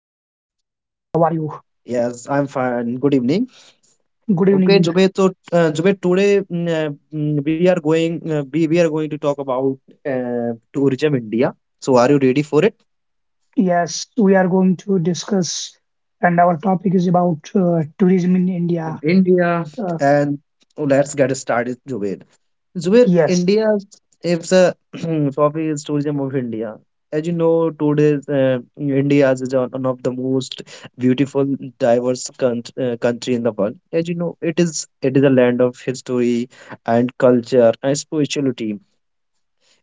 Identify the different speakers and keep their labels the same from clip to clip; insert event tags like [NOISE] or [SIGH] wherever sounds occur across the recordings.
Speaker 1: How are you?
Speaker 2: Yes, I'm fine. Good evening.
Speaker 1: Good
Speaker 2: Okay,
Speaker 1: evening.
Speaker 2: Zubair. So, Zubair, today we are going we are going to talk about tourism India. So, are you ready for it?
Speaker 1: Yes, we are going to discuss, and our topic is about tourism in India.
Speaker 2: India.
Speaker 1: Uh,
Speaker 2: And oh, let's get started, Zubair. Zubair,
Speaker 1: yes,
Speaker 2: India is a [CLEARS THROAT] trophy is tourism of India. As you know, today India is one of the most beautiful, country in the world. As you know, it is a land of history and culture and spirituality.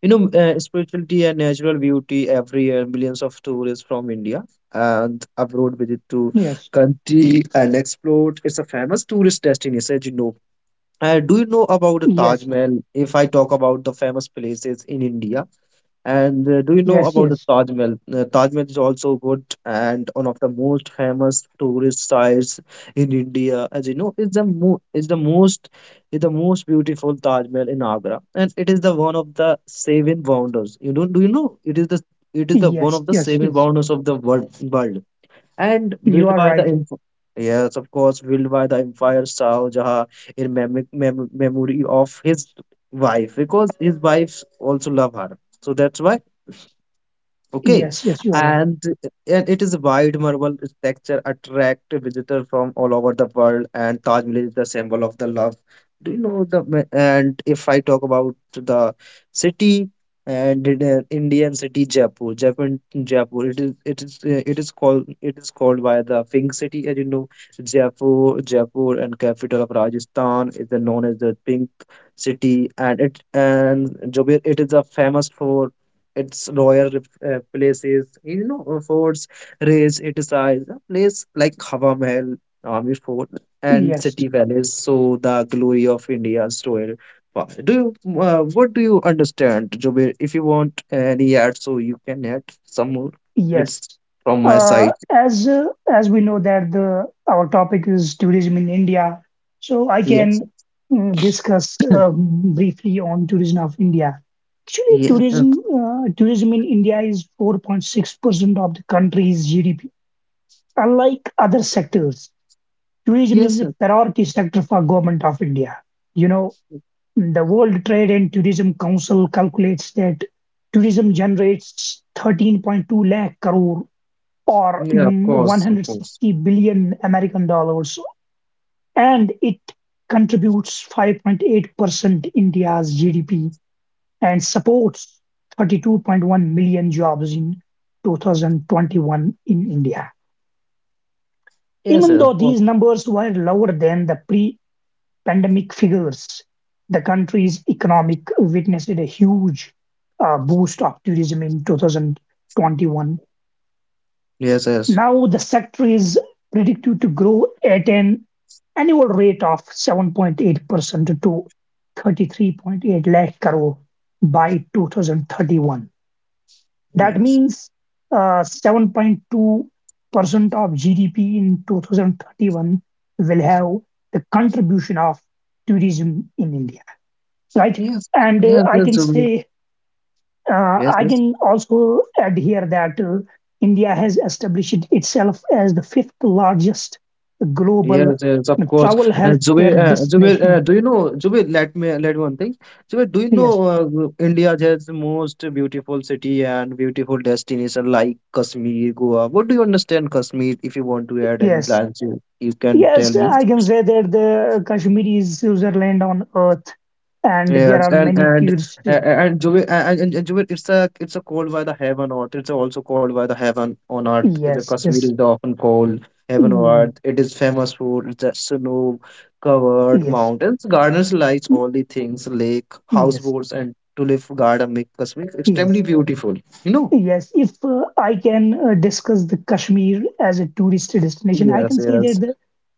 Speaker 2: Spirituality and natural beauty. Every year, millions of tourists from India and abroad visit to
Speaker 1: yes,
Speaker 2: country and explore. It's a famous tourist destination. As you know, do you know about the
Speaker 1: yes,
Speaker 2: Taj Mahal? If I talk about the famous places in India, and do you
Speaker 1: yes,
Speaker 2: know
Speaker 1: yes,
Speaker 2: about the Taj Mahal? Taj Mahal is also good and one of the most famous tourist sites in India. As you know, it's the mo is the most beautiful Taj Mahal in Agra, and it is the one of the seven wonders. You don't do you know? It is the one of
Speaker 1: yes,
Speaker 2: the
Speaker 1: yes,
Speaker 2: seven
Speaker 1: yes.
Speaker 2: wonders of the world. And
Speaker 1: You
Speaker 2: willed
Speaker 1: are
Speaker 2: by the
Speaker 1: right.
Speaker 2: inf yes, of course, willed by the empire Shah Jahan in memory of his wife, because his wife also love her, so that's why. Okay,
Speaker 1: Yes, yes, you are right.
Speaker 2: and and it is a wide marble structure attract visitors from all over the world, and Taj Mahal is the symbol of the love. Do you know the ma- and If I talk about the city and it, Indian city Jaipur, Japan Jaipur, it is it is it is called by the Pink City, as you know, Jaipur, Jaipur and capital of Rajasthan is the known as the Pink City, and it and Jaipur it is a famous for its places, you know, forts raise its size. A place like Hawa Mahal, Army Fort, and
Speaker 1: Yes.
Speaker 2: City Palace. So the glory of India's royal past. Do you, what do you understand, Jubair? If you want any add, so you can add some more.
Speaker 1: Yes.
Speaker 2: It's from my
Speaker 1: Uh,
Speaker 2: side.
Speaker 1: as uh, as we know that the our topic is tourism in India, so I
Speaker 2: Yes.
Speaker 1: can discuss
Speaker 2: [COUGHS]
Speaker 1: briefly on tourism of India. Actually,
Speaker 2: Yes, sir.
Speaker 1: tourism in India is 4.6% of the country's GDP. Unlike other sectors, tourism is
Speaker 2: Yes,
Speaker 1: a
Speaker 2: sir.
Speaker 1: priority sector for government of India. You know, the World Trade and Tourism Council calculates that tourism generates 13.2 lakh crore or
Speaker 2: Yeah, of course. Of course.
Speaker 1: 160 billion American dollars, and it contributes 5.8% India's GDP and supports 32.1 million jobs in 2021 in India.
Speaker 2: Yes,
Speaker 1: Even
Speaker 2: sir,
Speaker 1: though
Speaker 2: of course.
Speaker 1: these numbers were lower than the pre pandemic figures, the country's economic witnessed a huge boost of tourism in 2021.
Speaker 2: Yes, yes.
Speaker 1: Now the sector is predicted to grow at an annual rate of 7.8% to 33.8 lakh crore by 2031. That
Speaker 2: Yes.
Speaker 1: means 7.2% of GDP in 2031 will have the contribution of tourism in India, right?
Speaker 2: Yes.
Speaker 1: And
Speaker 2: Yes,
Speaker 1: I
Speaker 2: yes,
Speaker 1: can
Speaker 2: Zubair.
Speaker 1: say
Speaker 2: Yes,
Speaker 1: I
Speaker 2: yes.
Speaker 1: can also add here that India has established itself as the fifth largest global
Speaker 2: Yes, yes, of course.
Speaker 1: travel
Speaker 2: And Zubair,
Speaker 1: healthcare
Speaker 2: Zubair,
Speaker 1: destination.
Speaker 2: do you know, Zubair, let me let one thing. Zubair, do you
Speaker 1: Yes,
Speaker 2: know India has the most beautiful city and beautiful destination like Kashmir, Goa? What do you understand Kashmir? If you want to add any
Speaker 1: yes,
Speaker 2: lines, you can tell
Speaker 1: yes.
Speaker 2: me.
Speaker 1: I can say that the Kashmir is Switzerland on earth, and there
Speaker 2: Yes,
Speaker 1: are many
Speaker 2: and
Speaker 1: tourists.
Speaker 2: a- and Jubi and Jubair, it's a called by the heaven on earth. It's also called by the heaven on earth. The
Speaker 1: Yes,
Speaker 2: Kashmir
Speaker 1: yes,
Speaker 2: is often called heaven on
Speaker 1: mm,
Speaker 2: earth. It is famous for its snow covered
Speaker 1: yes,
Speaker 2: mountains, gardens, lights,
Speaker 1: mm,
Speaker 2: all the things, lake,
Speaker 1: yes,
Speaker 2: houseboats, and tulip garden make Kashmir extremely
Speaker 1: yes.
Speaker 2: beautiful. You know?
Speaker 1: Yes, if I can discuss the Kashmir as a tourist destination. I
Speaker 2: Yes,
Speaker 1: can say
Speaker 2: yes,
Speaker 1: that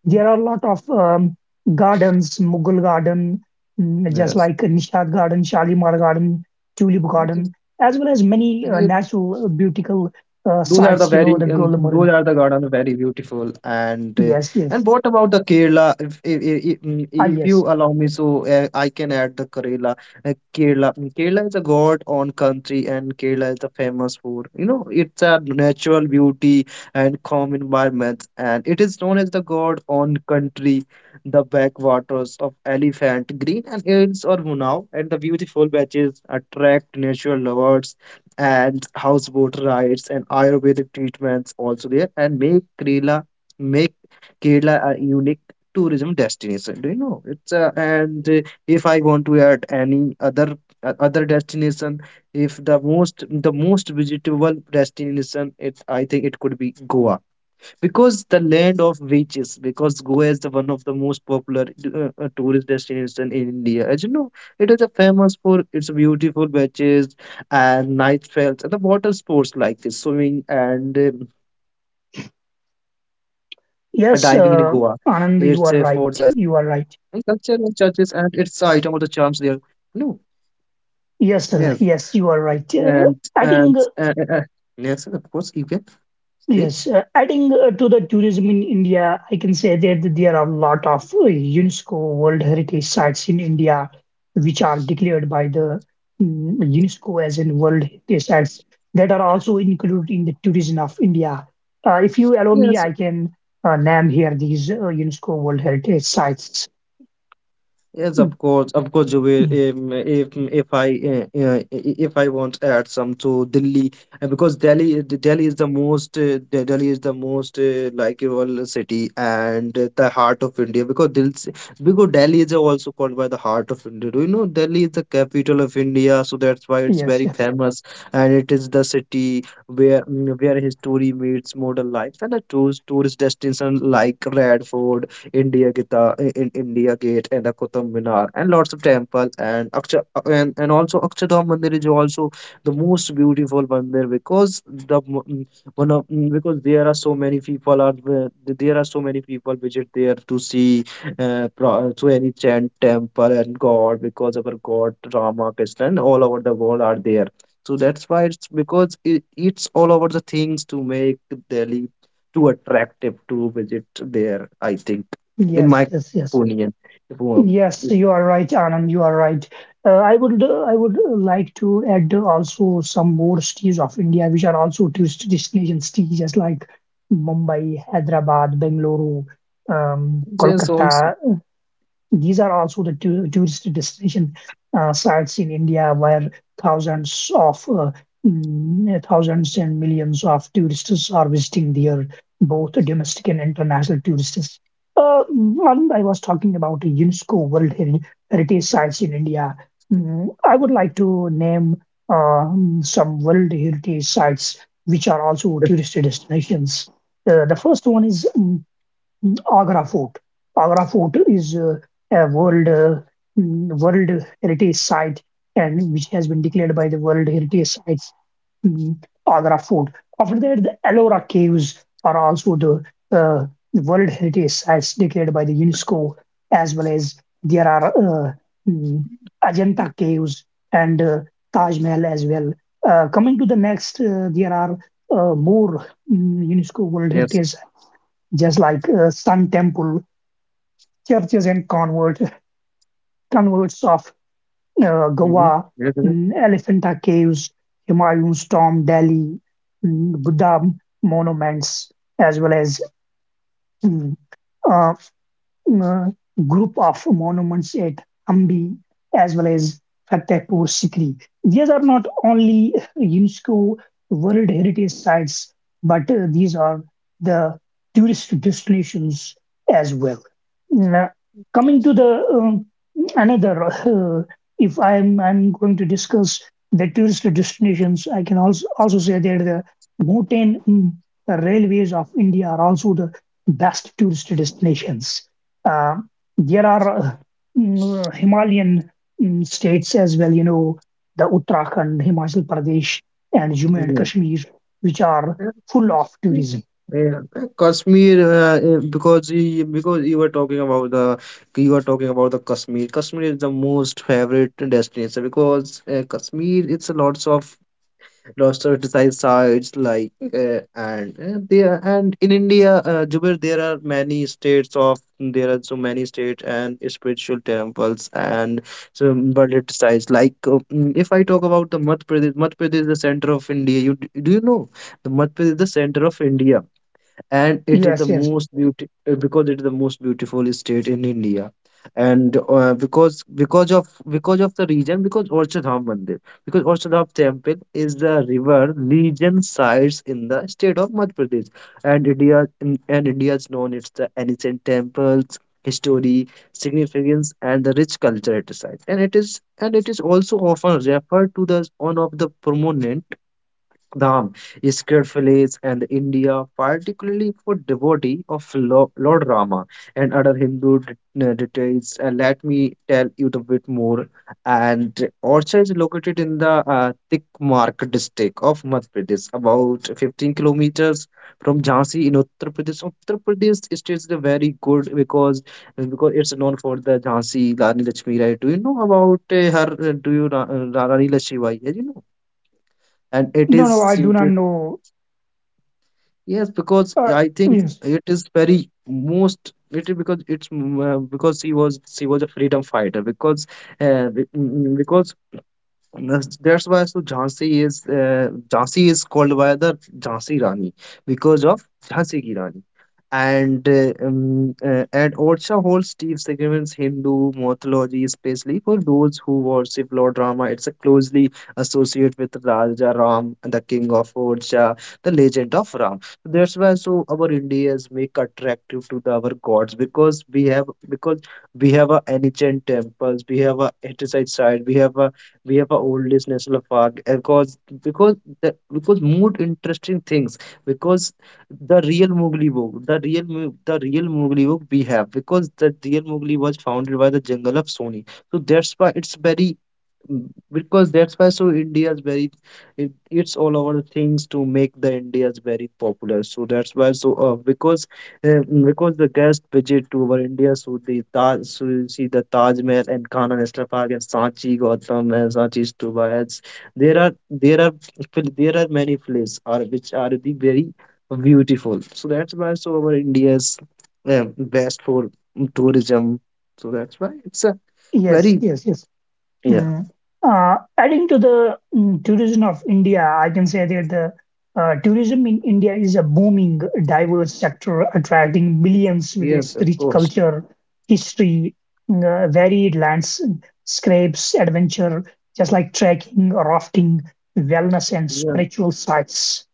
Speaker 1: there are a lot of gardens, Mughal garden, just
Speaker 2: yes.
Speaker 1: like Nishad garden, Shalimar garden, Tulip garden, as well as many natural, beautiful
Speaker 2: Those are the
Speaker 1: sites, you know, the Gulmarg.
Speaker 2: garden very beautiful,
Speaker 1: Yes,
Speaker 2: and
Speaker 1: yes.
Speaker 2: what about the Kerala?
Speaker 1: Ah,
Speaker 2: If you
Speaker 1: yes.
Speaker 2: allow me, so I can add the Kerala. Kerala is a god on country, and Kerala is the famous for, you know, it's a natural beauty and calm environment, and it is known as the god on country. The backwaters of elephant green and hills or Munau and the beautiful beaches attract natural lovers, and houseboat rides and Ayurvedic treatments also there, and make Kerala a unique tourism destination. Do you know? It's and if I want to add any other other destination, if the most, the most visitable destination, it's, I think, it could be Goa, because the land of witches, because Goa is the one of the most popular tourist destination in India. As you know, it is a famous for its beautiful beaches and night trails and the water sports like this, swimming and diving in Goa. It's a forts
Speaker 1: Yes,
Speaker 2: guys, it's
Speaker 1: Anand, you are
Speaker 2: and
Speaker 1: right.
Speaker 2: culture
Speaker 1: You
Speaker 2: and
Speaker 1: are right.
Speaker 2: churches and it's a item of the charms there. No. Yes.
Speaker 1: Yes, sir. Yes, you are right. I
Speaker 2: And
Speaker 1: think
Speaker 2: yes, of course, you can say.
Speaker 1: yes, adding to the tourism in India, I can say that there are a lot of UNESCO World Heritage Sites in India, which are declared by the UNESCO as in World Heritage Sites that are also included in the tourism of India. If you allow me,
Speaker 2: Yes.
Speaker 1: I can name here these UNESCO World Heritage Sites.
Speaker 2: Yes,
Speaker 1: Mm,
Speaker 2: of course, you will.
Speaker 1: mm,
Speaker 2: If if I uh, uh, if I want to add some to Delhi, because Delhi Delhi is the most De- Delhi is the most likeable city and the heart of India. Because Delhi is also called by the heart of India. Do you know Delhi is the capital of India? So that's why it's
Speaker 1: yes,
Speaker 2: very
Speaker 1: yes,
Speaker 2: famous, and it is the city where where history meets modern life and a tourist destination like Red Fort. India Gita, in India Gate, and the Qutub Minar, and lots of temple, and Aksha, and also Akshardham Mandir is also the most beautiful mandir, because the m- one of because there are so many people visit there to see to any chant temple and God, because our God Rama Krishna and all over the world are there. So that's why it's, because it's all over the things to make Delhi too attractive to visit there. I think in
Speaker 1: yes,
Speaker 2: my
Speaker 1: yes, yes.
Speaker 2: opinion. If
Speaker 1: Yes,
Speaker 2: we-
Speaker 1: you are right, Anand. You are right. I would like to add, also some more cities of India, which are also tourist destination cities, just like Mumbai, Hyderabad, Bengaluru,
Speaker 2: if- There's also
Speaker 1: Kolkata. These are also the two tourist destination sites in India where thousands of thousands and millions of tourists are visiting there, both domestic and international tourists. Anand, I was talking about Heritage Sites in India. Mm, I would like to name uh, some World Heritage Sites which are also tourist destinations. The first one is Agra Fort. Agra Fort is a World Heritage Site, and which has been declared by the World Heritage Sites. Mm, Agra Fort. After that, the Ellora Caves are also the uh, World Heritage Sites declared by the UNESCO, as well as there are uh, mm, Ajanta Caves and Taj Mahal as well. Coming to the next, there are more UNESCO World
Speaker 2: yes.
Speaker 1: Heritage, just like Sun Temple, churches and convert, converts of
Speaker 2: Mhm.
Speaker 1: Goa,
Speaker 2: Yes, yes,
Speaker 1: Elephanta Caves, Humayun's Tomb, Delhi, Buddha monuments, as well as mm, uh, uh, group of monuments at Hampi as well as Fatehpur Sikri. These are not only UNESCO World Heritage Sites, but these are the tourist destinations as well. Now, coming to the another, if I'm going to discuss the tourist destinations, I can also say that the mountain mm, the railways of India are also the best tourist destinations. Uh, there are uh, mm, Himalayan states as well, you know, the Uttarakhand, Himachal Pradesh, and Jammu and
Speaker 2: yes.
Speaker 1: Kashmir, which are
Speaker 2: Yes.
Speaker 1: full of tourism.
Speaker 2: Yeah, Kashmir because you were talking about the Kashmir. Kashmir is the most favorite destination because Kashmir it's a lots of roster decide sites like and there. And in India, Jubair, there are many states of there are so many states and spiritual temples and so bullet sites. Like if I talk about the Madhya Pradesh, Madhya Pradesh is the center of India. Do you know the Madhya Pradesh is the center of India, and it is the
Speaker 1: Yes, yes.
Speaker 2: most beautiful state in India, and because of the region, because Orchardham Mandir, because Orchardham Temple is the river region sites in the state of Madhya Pradesh, and India is known its the ancient temples, history, significance, and the rich culture it resides, and it is also often referred to the as one of the prominent Dham, sacred fields, and India, particularly for devotee of Lord Rama and other deities. Let me tell you a bit more. And Orcha is located in the Tikmark district of Madhya Pradesh, about 15 kilometers from Jhansi in Uttar Pradesh. Uttar Pradesh state is very good, because it's known for the Jhansi Rani Lakshmi Bai. Do you know about her? Do you Rani Lakshmi Bai? Yeah, you know and it
Speaker 1: No,
Speaker 2: is
Speaker 1: no, I do not
Speaker 2: situated.
Speaker 1: know.
Speaker 2: Yes, because
Speaker 1: Uh,
Speaker 2: I think
Speaker 1: yes,
Speaker 2: it is very most, it is because it's mm, because she was a freedom fighter because uh, be- mm, mm, because that's why, so Jhansi is called by the Jhansi Rani because of Jhansi ki Rani, and Orcha holds deep significance Hindu mythology, especially for those who worship Lord Rama. It's a closely associated with Raja Ram, the king of Orcha, the legend of Ram. So that's why so our Indians make attractive to the, our gods, because we have, because we have a ancient temples, we have a heritage site, we have a we have our oldest national park, because because because more interesting things, because the real Mowgli book, the real Mowgli book we have, because the real Mowgli was founded by the jungle of Sony. So that's why it's very because that's why so India's very, it's all our things to make the India's very popular. So that's why so because the guest visit to our India, so the taj, so you see the Taj Mahal and Kanha National Park and Sanchi Gautam and Sanchi Stupa. As there are there are many places are, which are the very beautiful, so that's why so our India's um best for tourism. So that's why it's a very.
Speaker 1: yes, yes, yes.
Speaker 2: Yeah.
Speaker 1: Mm. Adding to the tourism of India, I can say that the tourism in India is a booming, diverse sector, attracting millions with
Speaker 2: Yes,
Speaker 1: its
Speaker 2: of
Speaker 1: rich
Speaker 2: course.
Speaker 1: culture, history, varied landscapes, adventure, just like trekking, rafting, wellness, and
Speaker 2: Yeah.
Speaker 1: spiritual sites.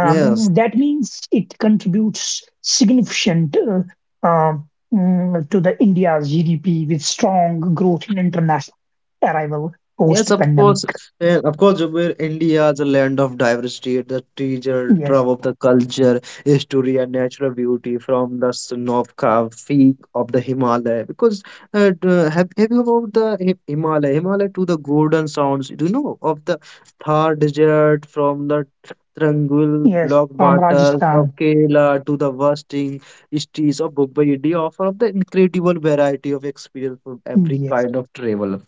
Speaker 2: Yes.
Speaker 1: That means it contributes significant, uh, to the India's GDP with strong growth in international arrival
Speaker 2: Yes, of course.
Speaker 1: post-pandemic.
Speaker 2: Yeah, of course, Zubair, India is a land of diversity, the treasure
Speaker 1: Yes,
Speaker 2: trove of the culture, history, and natural beauty, from the snow of peak of the Himalaya. Because have you about the Himalaya? Himalaya to the golden sounds. Do you know of the Thar Desert, from the Trangul
Speaker 1: yes,
Speaker 2: block
Speaker 1: from
Speaker 2: waters of
Speaker 1: Rajasthan.
Speaker 2: Kerala to the wasting streets of Mumbai? They offer of the incredible variety of experience for every
Speaker 1: Yes,
Speaker 2: kind of travel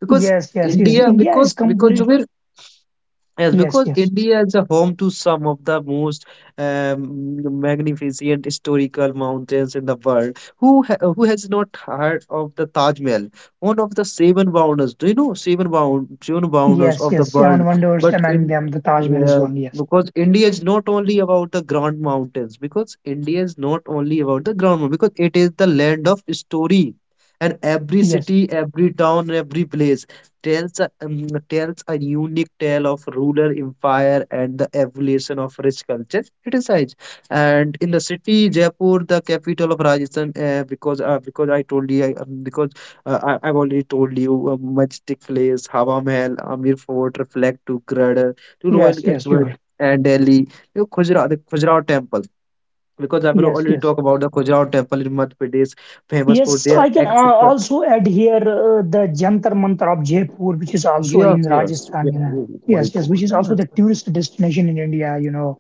Speaker 2: because
Speaker 1: yes, yes, yes.
Speaker 2: India
Speaker 1: India is
Speaker 2: because because
Speaker 1: complete.
Speaker 2: Jubair, yes,
Speaker 1: Yes,
Speaker 2: because
Speaker 1: yes,
Speaker 2: India is a home to some of the most magnificent historical mountains in the world. Who has not heard of the Taj Mahal, one of the seven wonders? Do you know seven bound seven wonders
Speaker 1: yes,
Speaker 2: of the
Speaker 1: yes.
Speaker 2: world?
Speaker 1: Seven wonders
Speaker 2: But
Speaker 1: among
Speaker 2: in
Speaker 1: them, the Taj Mahal is
Speaker 2: yeah,
Speaker 1: one. Yes,
Speaker 2: because India is not only about the grand mountains. Because India is not only about the grand mountains. Because it is the land of story, and every
Speaker 1: yes,
Speaker 2: city, every town, every place tells a unique tale of rural empire and the evolution of rich culture criticize. And in the city Jaipur, the capital of Rajasthan, because I told you, I've already told you, majestic place Hawa Mahal, Amir Fort reflect to Gradar to
Speaker 1: yes,
Speaker 2: Royal
Speaker 1: yes. You are right.
Speaker 2: Edward and Delhi. You know, Khajuraho, the Khajuraho temple, because I will
Speaker 1: Yes,
Speaker 2: already
Speaker 1: yes,
Speaker 2: talk about the Khajuraho temple in Madhya Pradesh, famous for
Speaker 1: yes.
Speaker 2: their
Speaker 1: I can
Speaker 2: ex.
Speaker 1: also add here the Jantar Mantar of Jaipur, which is also
Speaker 2: Yes,
Speaker 1: in
Speaker 2: yes. Yeah.
Speaker 1: Rajasthan. You know.
Speaker 2: Oh my
Speaker 1: Yes, yes,
Speaker 2: God.
Speaker 1: which is also the tourist destination in India. You know,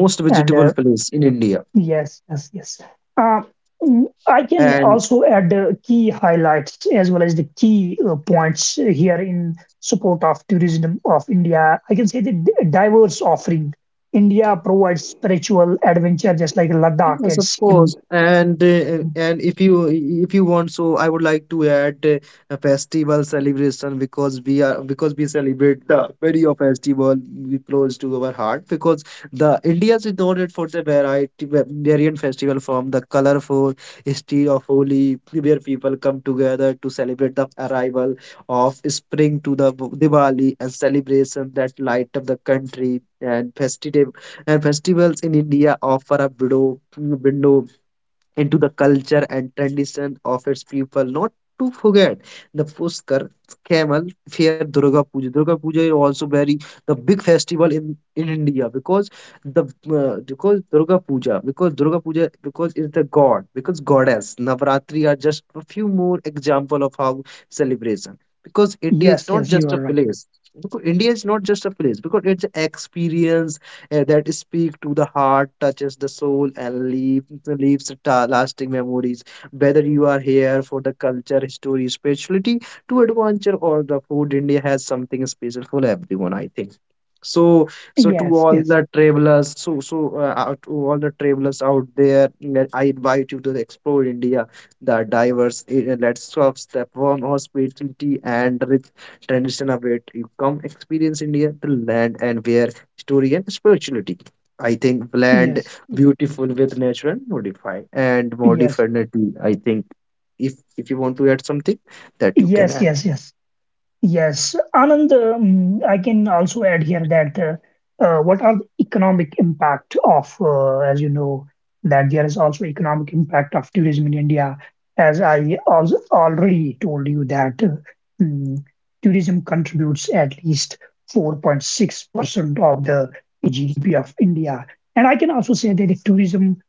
Speaker 2: Most
Speaker 1: and
Speaker 2: vegetable place in India.
Speaker 1: yes, yes, yes. Um, I can
Speaker 2: And
Speaker 1: also add the key highlights as well as the key points here in support of tourism of India. I can say the diverse offering. India provides spiritual adventure, just like Ladakh
Speaker 2: yes,
Speaker 1: and
Speaker 2: of
Speaker 1: Sikkim.
Speaker 2: course. And if you want, so I would like to add a festival celebration, because we are because we celebrate the very of festival we close to our heart because the India is noted for the variant festival, from the colorful history of Holi, where people come together to celebrate the arrival of spring, to the Diwali and celebration that light up the country. And festive and festivals in India offer a window into the culture and tradition of its people. Not to forget the Puskar, Camel Fair, Durga Puja. Durga Puja is also very the big festival in India, because the because Durga Puja because Durga Puja, because it's the god, because goddess Navratri, are just a few more example of how celebration, because India is
Speaker 1: Yes,
Speaker 2: not
Speaker 1: yes, you
Speaker 2: just a
Speaker 1: are right.
Speaker 2: place, because India is not just a place, because it's experience that speak to the heart, touches the soul, and lasting memories. Whether you are here for the culture, history, spirituality, to adventure, or the food, India has something special for everyone, I think. So, so to
Speaker 1: Yes,
Speaker 2: all
Speaker 1: yes,
Speaker 2: the travelers, to all the travelers out there, I invite you to explore India, the diverse landscapes, the warm hospitality, and rich tradition of it. You come experience India, the land, and where story, and spirituality. I think blend
Speaker 1: yes,
Speaker 2: beautiful with natural modify and
Speaker 1: yes,
Speaker 2: modernity. I think if you want to add something, that you can
Speaker 1: yes,
Speaker 2: add.
Speaker 1: yes, yes. Yes, Anand, I can also add here that what are the economic impact of, as you know, that there is also economic impact of tourism in India. As I also already told you that mm, tourism contributes at least 4.6% of the GDP of India. And I can also say that the tourism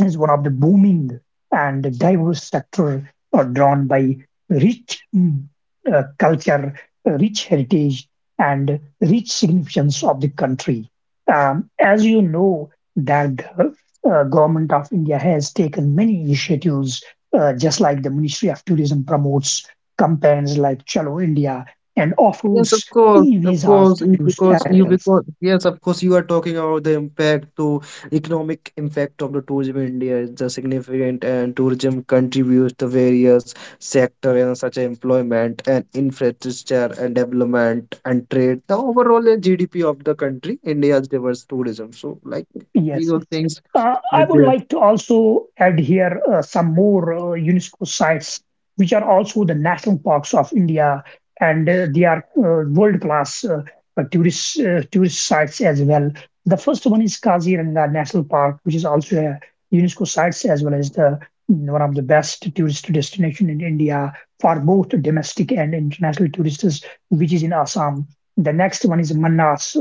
Speaker 1: is one of the booming and diverse sector, drawn by rich culture, rich heritage, and rich significance of the country. As you know, that government of India has taken many initiatives, just like the Ministry of Tourism promotes campaigns like Chalo India and
Speaker 2: Yes,
Speaker 1: offers
Speaker 2: of
Speaker 1: e-visas
Speaker 2: course,
Speaker 1: to new.
Speaker 2: you because yes, of course, you are talking about the impact to economic impact of the tourism in India is the significant, and tourism contributes to various sector, and such as employment and infrastructure and development and trade. The overall GDP of the country, India's diverse tourism. So like these
Speaker 1: Yes,
Speaker 2: all
Speaker 1: yes.
Speaker 2: things.
Speaker 1: I
Speaker 2: That
Speaker 1: would
Speaker 2: they-
Speaker 1: like to also add here some more UNESCO sites, which are also the national parks of India, and they are world-class, tourist sites as well. The first one is Kaziranga National Park, which is also a UNESCO sites as well as one of the best tourist destination in India for both domestic and international tourists, which is in Assam. The next one is Manas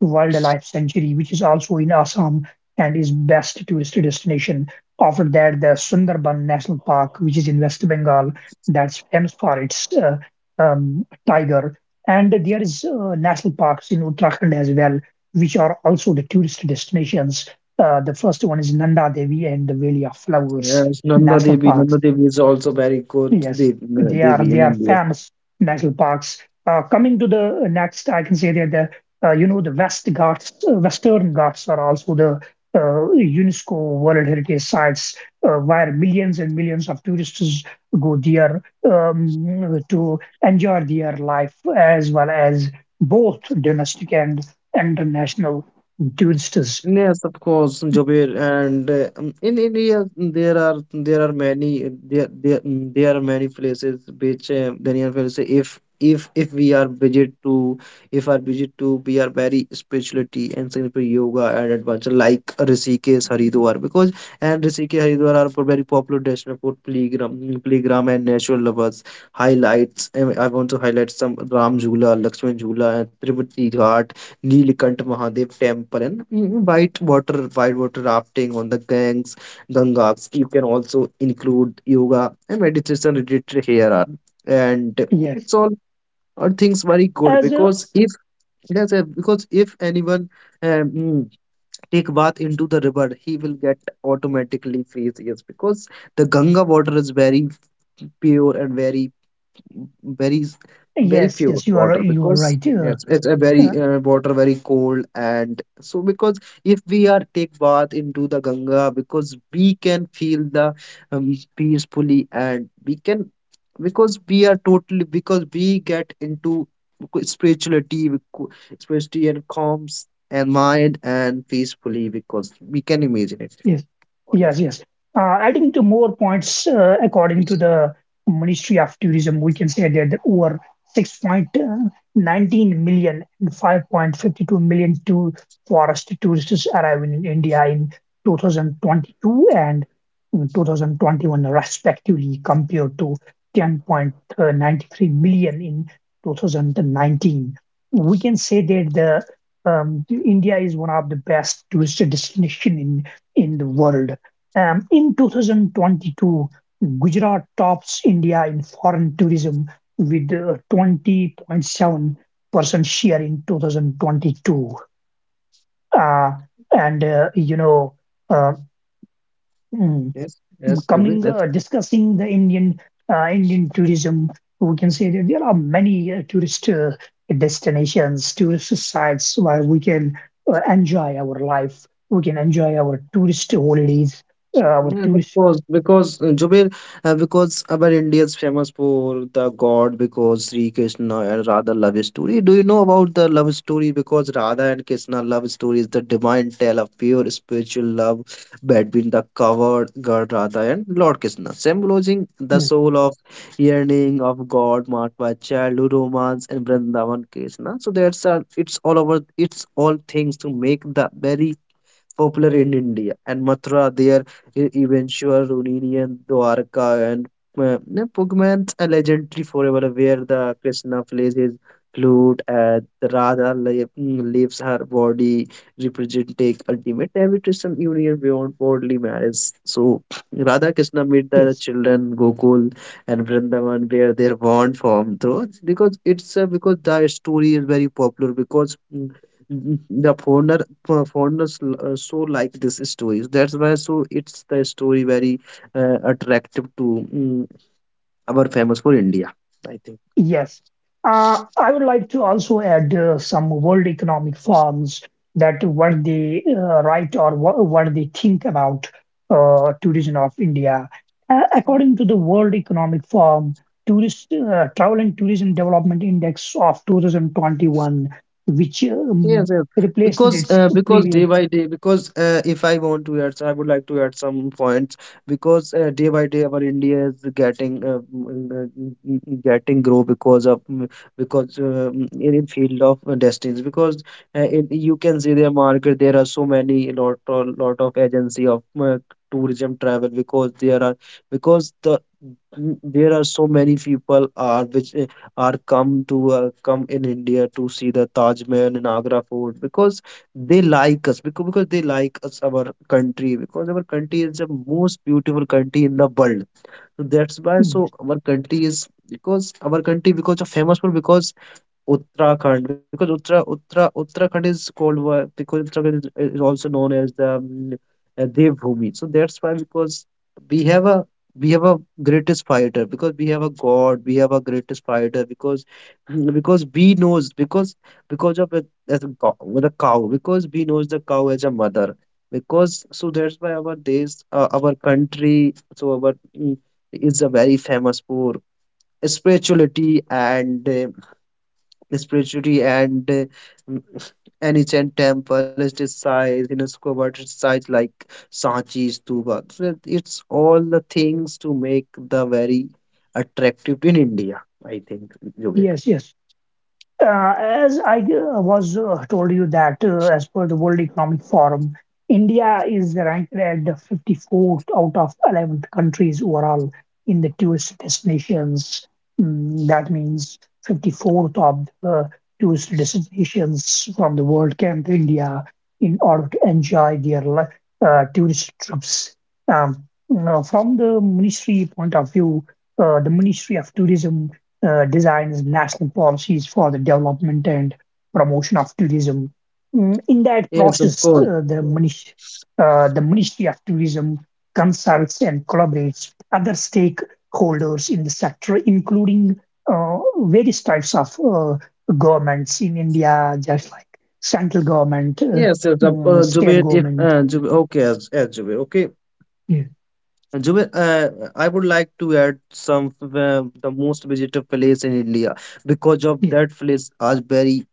Speaker 1: to Wildlife Sanctuary, which is also in Assam and is best tourist destination. After that, the Sundarban National Park, which is in West Bengal, that's famous for its tiger. And there is national parks in Uttarakhand as well, which are also the tourist destinations. The first one is Nanda Devi and the Valley of Flowers
Speaker 2: Yes, Nanda
Speaker 1: National
Speaker 2: Devi.
Speaker 1: Parks.
Speaker 2: Nanda Devi is also very good
Speaker 1: Yes,
Speaker 2: Devi in
Speaker 1: they are
Speaker 2: India.
Speaker 1: famous national parks. Coming to the next, I can say that the you know the Western Ghats are also the UNESCO World Heritage Sites, where millions and millions of tourists go there to enjoy their life, as well as both domestic and international tourists.
Speaker 2: Yes, of course, Jobir, and in India, mm, there are many there are many places which Daniel will say if we are budget to if our budget to, we are very spirituality and simple yoga and adventure, like Rishikesh Haridwar, because and Rishikesh Haridwar are for very popular destination for playground and natural lovers highlights. And I want to highlight some Ram Jhula, Lakshman Jhula, and Tripati Ghat, Neelkanth Mahadev Temple, and mm, white water rafting on the Gangs, Gangas. You can also include yoga and meditation related here are, and
Speaker 1: Yes,
Speaker 2: it's all are things very good
Speaker 1: as a,
Speaker 2: because if yes, because if anyone um, mm, take bath into the river, he will get automatically face, yes, because the Ganga water is very pure and very very very
Speaker 1: yes,
Speaker 2: pure
Speaker 1: yes,
Speaker 2: water,
Speaker 1: you are
Speaker 2: because
Speaker 1: right.
Speaker 2: yes,
Speaker 1: Uh,
Speaker 2: it's a very water very cold and so because if we are take bath into the Ganga, because we can feel the peacefully, and we can because we are totally because we get into spirituality becau- spirituality and calms and mind and peacefully, because we can imagine it
Speaker 1: yes, yes,
Speaker 2: honestly.
Speaker 1: yes. Adding to more points, according to the Ministry of Tourism, we can say that over 6.19 million and 5.52 million to forest tourists arriving in India in 2022 and 2021, respectively, compared to 10.93 million in 2019. We can say that the India is one of the best tourist destination in the world. In 2022, Gujarat tops India in foreign tourism with 20.7% share in 2022. Uh, and, you know, uh, mm,
Speaker 2: Yes, yes, Zubin.
Speaker 1: coming, Indian tourism, we can say that there are many tourist destinations, tourist sites where we can enjoy our life. We can enjoy our tourist holidays, our
Speaker 2: Yes, of
Speaker 1: tourist.
Speaker 2: course, because Jubair, because our India is famous for the God, because Sri Krishna and Radha love story. Do you know about the love story? Because Radha and Krishna love story is the divine tale of pure spiritual love between the covered God Radha and Lord Krishna, symbolizing the
Speaker 1: Yes,
Speaker 2: soul of yearning of God, marked by childhood romance and Vrindavan Krishna. So that's it's all over. It's all things to make the very popular in India, and Mathura, their eventual reunion, Dwarka, and uh, Pugman's a legendary forever, where the Krishna plays his flute and the Radha leaves her body, representing ultimate invitation union beyond worldly marriage. So Radha Krishna meet the
Speaker 1: yes,
Speaker 2: children Gokul and Vrindavan, where their bond formed through, because it's because the story is very popular, because the foreigner for foreigners so like this stories, that's why so it's the story very attractive to mm, our famous for India, I think.
Speaker 1: yes. I would like to also add some World Economic Forums that what they write, or what they think about tourism of India. According to the World Economic Forum, tourist travel and tourism development index of 2021, which
Speaker 2: Yes, yes.
Speaker 1: replaced its
Speaker 2: Because day
Speaker 1: previous.
Speaker 2: by day, because if I want to add, so I would like to add some points. Because day by day, our India is getting getting grow because of mm, because in field of destinies. Because in, you can see their market. There are so many a lot of agency of tourism travel, because there are because the mm, there are so many people are which are come to come in India to see the Taj Mahal and Agra Fort, because they like us because they like us our country, because our country is the most beautiful country in the world, so that's why so
Speaker 1: Yes,
Speaker 2: our country is because our country because of famous for because Uttarakhand, because Uttarakhand is called because Uttarakhand is also known as the Devbhoomi. So that's why because we have a we have a greatest fighter because we have a god, we have a greatest fighter, because mm, because we knows because of it as a cow, with a cow, because we knows the cow as a mother, because so that's why our days our country, so our mm, is a very famous for spirituality and uh, spirituality and an ancient temple is this size UNESCO World its Size, like Sanchi, Stupa. So it's all the things to make the very attractive in India, I think, Jubair.
Speaker 1: yes, yes. As I was told you that as per the World Economic Forum, India is ranked at the 54th out of 11 countries overall in the tourist destinations. Mm, that means 54th of the tourist destinations from the world came to India in order to enjoy their tourist trips. Um, now, from the ministry point of view, the Ministry of Tourism designs national policies for the development and promotion of tourism. Mm, in that
Speaker 2: Yes, of
Speaker 1: process,
Speaker 2: course.
Speaker 1: the Ministry of Tourism consults and collaborates with other stakeholders in the sector, including various types of governments in India, just like central government,
Speaker 2: Yes, yes, of
Speaker 1: state
Speaker 2: Jubair, if
Speaker 1: government.
Speaker 2: Jubair, okay, as Jubair, okay.
Speaker 1: Yeah,
Speaker 2: Uh, I would like to add some the most visited place in India, because of
Speaker 1: yeah.
Speaker 2: that place are very,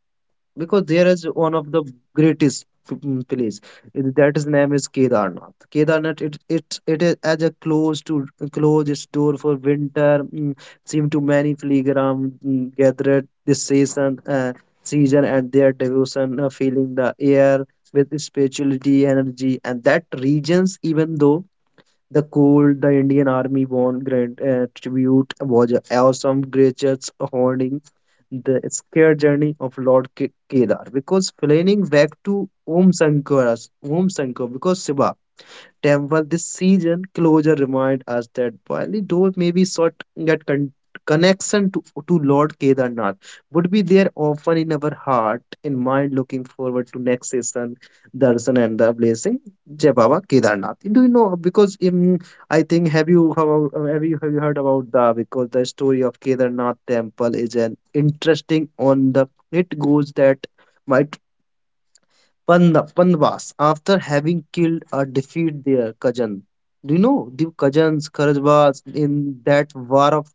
Speaker 2: because there is one of the greatest place it- that his name is Kedarnath. Kedarnath it is as a close to close its door for winter. Mm, seem to many pilgrims mm, gather at this season season, and their devotion, filling the air with spirituality energy and that regions, even though the cool, the Indian Army won grand tribute was awesome. Gracious holding the scared journey of Lord Kedar, because flying back to Om Shankara's Om Shankar, because Shiva temple this season closure remind us that while the door may be short, that connection to Lord Kedarnath would be there often in our heart and mind, looking forward to next season darshan and the blessing, Jai Baba Kedarnath. Do you know, because I think have you have, have you heard about the, because the story of Kedarnath temple is an interesting on the, it goes that my Pandavas, after having killed or defeated their cousin. Do you know the cousins, Kharajvas, in that war of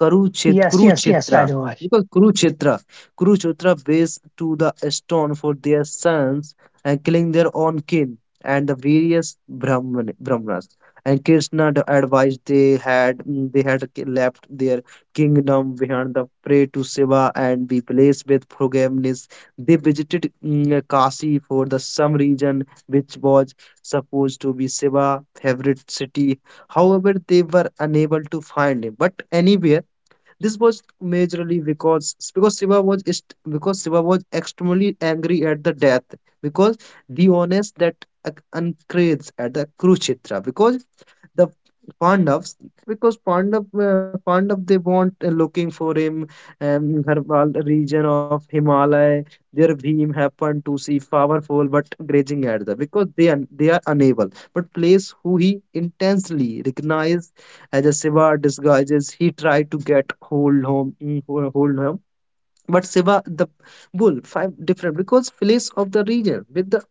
Speaker 1: Yes, yes, yes, I
Speaker 2: Kurukshetra.
Speaker 1: know.
Speaker 2: Because Kurukshetra, Kurukshetra based to the stone for their sons and killing their own kin and the various Brahmanas. And Krishna advised they had mm, they had left their kingdom behind, the prey to Shiva and be blessed with forgiveness. They visited mm, Kashi for the some region, which was supposed to be Shiva favorite city. However, they were unable to find him. But anywhere this was majorly because Shiva was extremely angry at the death because Dionys that increased at the Kurukshetra, because the Pandavs because Pandav they want looking for him Harwal region of Himalaya. Their Bhim happened to see powerful but raging at them, because they are unable. But place who he intensely recognized as a Shiva disguises, he tried to get hold home, hold home, but Shiva the bull, five different because place of the region with the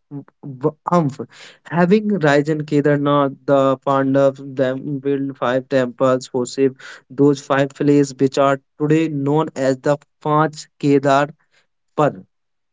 Speaker 2: v- umph. Having Rajan Kedarnath, the Pandavas, them built five temples for Shiv, those five places which are today known as the Panch Kedar. Par.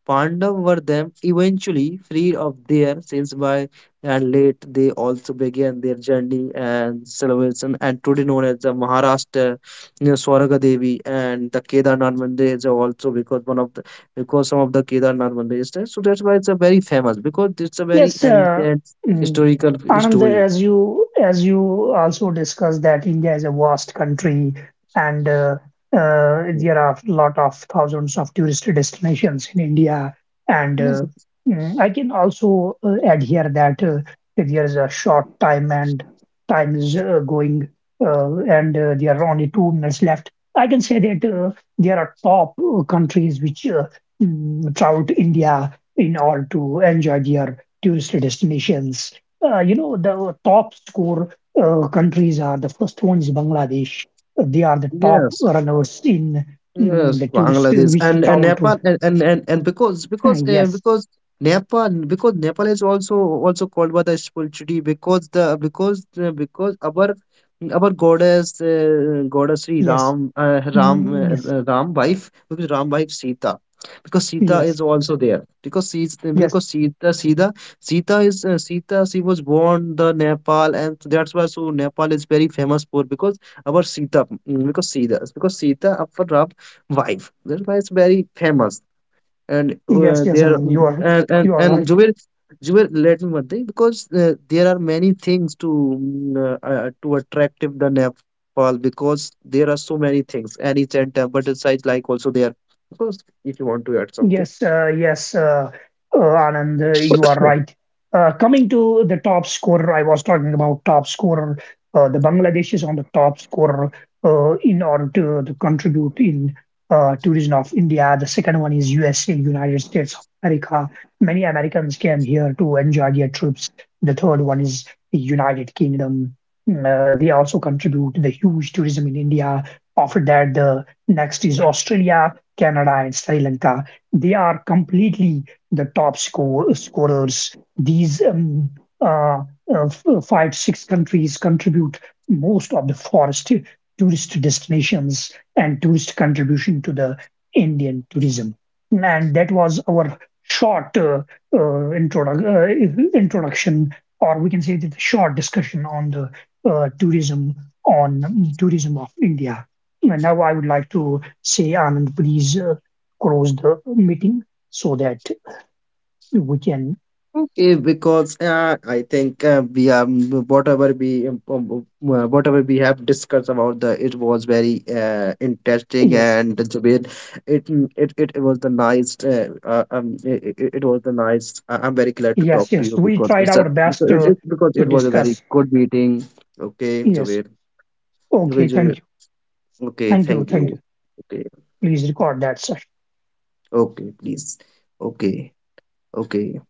Speaker 2: Pandav were them eventually freed of their sins by, and late they also began their journey and salvation, and today known as the Maharashtra, you know, Swaraga Devi, and the Kedarnath Mandir is also because one of the because some of the Kedarnath Mandir is there. So that's why it's a very famous, because it's a very
Speaker 1: Yes,
Speaker 2: ancient
Speaker 1: mm,
Speaker 2: historical
Speaker 1: Anand,
Speaker 2: story.
Speaker 1: as you also discussed that India is a vast country, and there are a lot of thousands of tourist destinations in India. And
Speaker 2: Yes,
Speaker 1: I can also add here that there is a short time, and time is going, and there are only 2 minutes left. I can say that there are top countries which travel to India in order to enjoy their tourist destinations. You know, the top score countries are, the first one is Bangladesh. They are the top
Speaker 2: yes.
Speaker 1: runners in mm,
Speaker 2: Yes,
Speaker 1: the tourist uh,
Speaker 2: Bangladesh
Speaker 1: which
Speaker 2: and
Speaker 1: travel to.
Speaker 2: Nepal and and
Speaker 1: Yes,
Speaker 2: because Nepal, because Nepal is also also called by the spirituality, because the because our goddess goddess Sri
Speaker 1: yes,
Speaker 2: Ram
Speaker 1: mm, yes,
Speaker 2: Ram wife, because Ram wife Sita, because Sita
Speaker 1: yes,
Speaker 2: is also there, because she's
Speaker 1: yes,
Speaker 2: because Sita is Sita she was born the Nepal, and that's why so Nepal is very famous for because our Sita, mm, because Sita our Ram wife. That's why it's very famous. And
Speaker 1: yes, yes,
Speaker 2: there
Speaker 1: Anand,
Speaker 2: and
Speaker 1: you are right.
Speaker 2: Jubair, Jubair, let me one thing, because there are many things to mm, to attractive the Nepal, because there are so many things and each and temple size like also there. Because if you want to add something.
Speaker 1: Yes, uh, yes, uh, Anand, you are right. Coming to the top scorer, I was talking about top scorer. The Bangladesh is on the top scorer in order to contribute in tourism of India. The second one is USA, United States of America. Many Americans came here to enjoy their trips. The third one is the United Kingdom. They also contribute the huge tourism in India. After that, the next is Australia, Canada, and Sri Lanka. They are completely the scorers. These uh, uh, five, six countries contribute most of the forest tourist destinations and tourist contribution to the Indian tourism. And that was our short uh, introduction, or we can say that the short discussion on the uh, tourism tourism of India. And now I would like to say, Anand, please close the meeting so that we can.
Speaker 2: Okay, because I think we whatever we um, um, um, whatever we have discussed about the, it was very interesting,
Speaker 1: Yes,
Speaker 2: and the it it was the nice. It, it was the nice. I'm very glad to
Speaker 1: yes,
Speaker 2: talk to
Speaker 1: yes.
Speaker 2: you,
Speaker 1: We
Speaker 2: because
Speaker 1: tried
Speaker 2: it's a,
Speaker 1: our best
Speaker 2: because it, because
Speaker 1: to
Speaker 2: it was a very
Speaker 1: discuss.
Speaker 2: good meeting. Okay,
Speaker 1: Yes.
Speaker 2: Javier. Okay,
Speaker 1: Okay.
Speaker 2: Javier.
Speaker 1: Thank you.
Speaker 2: Okay,
Speaker 1: Thank you.
Speaker 2: thank
Speaker 1: Thank you.
Speaker 2: you. Okay,
Speaker 1: Please record that, sir.
Speaker 2: okay, please. Okay, okay.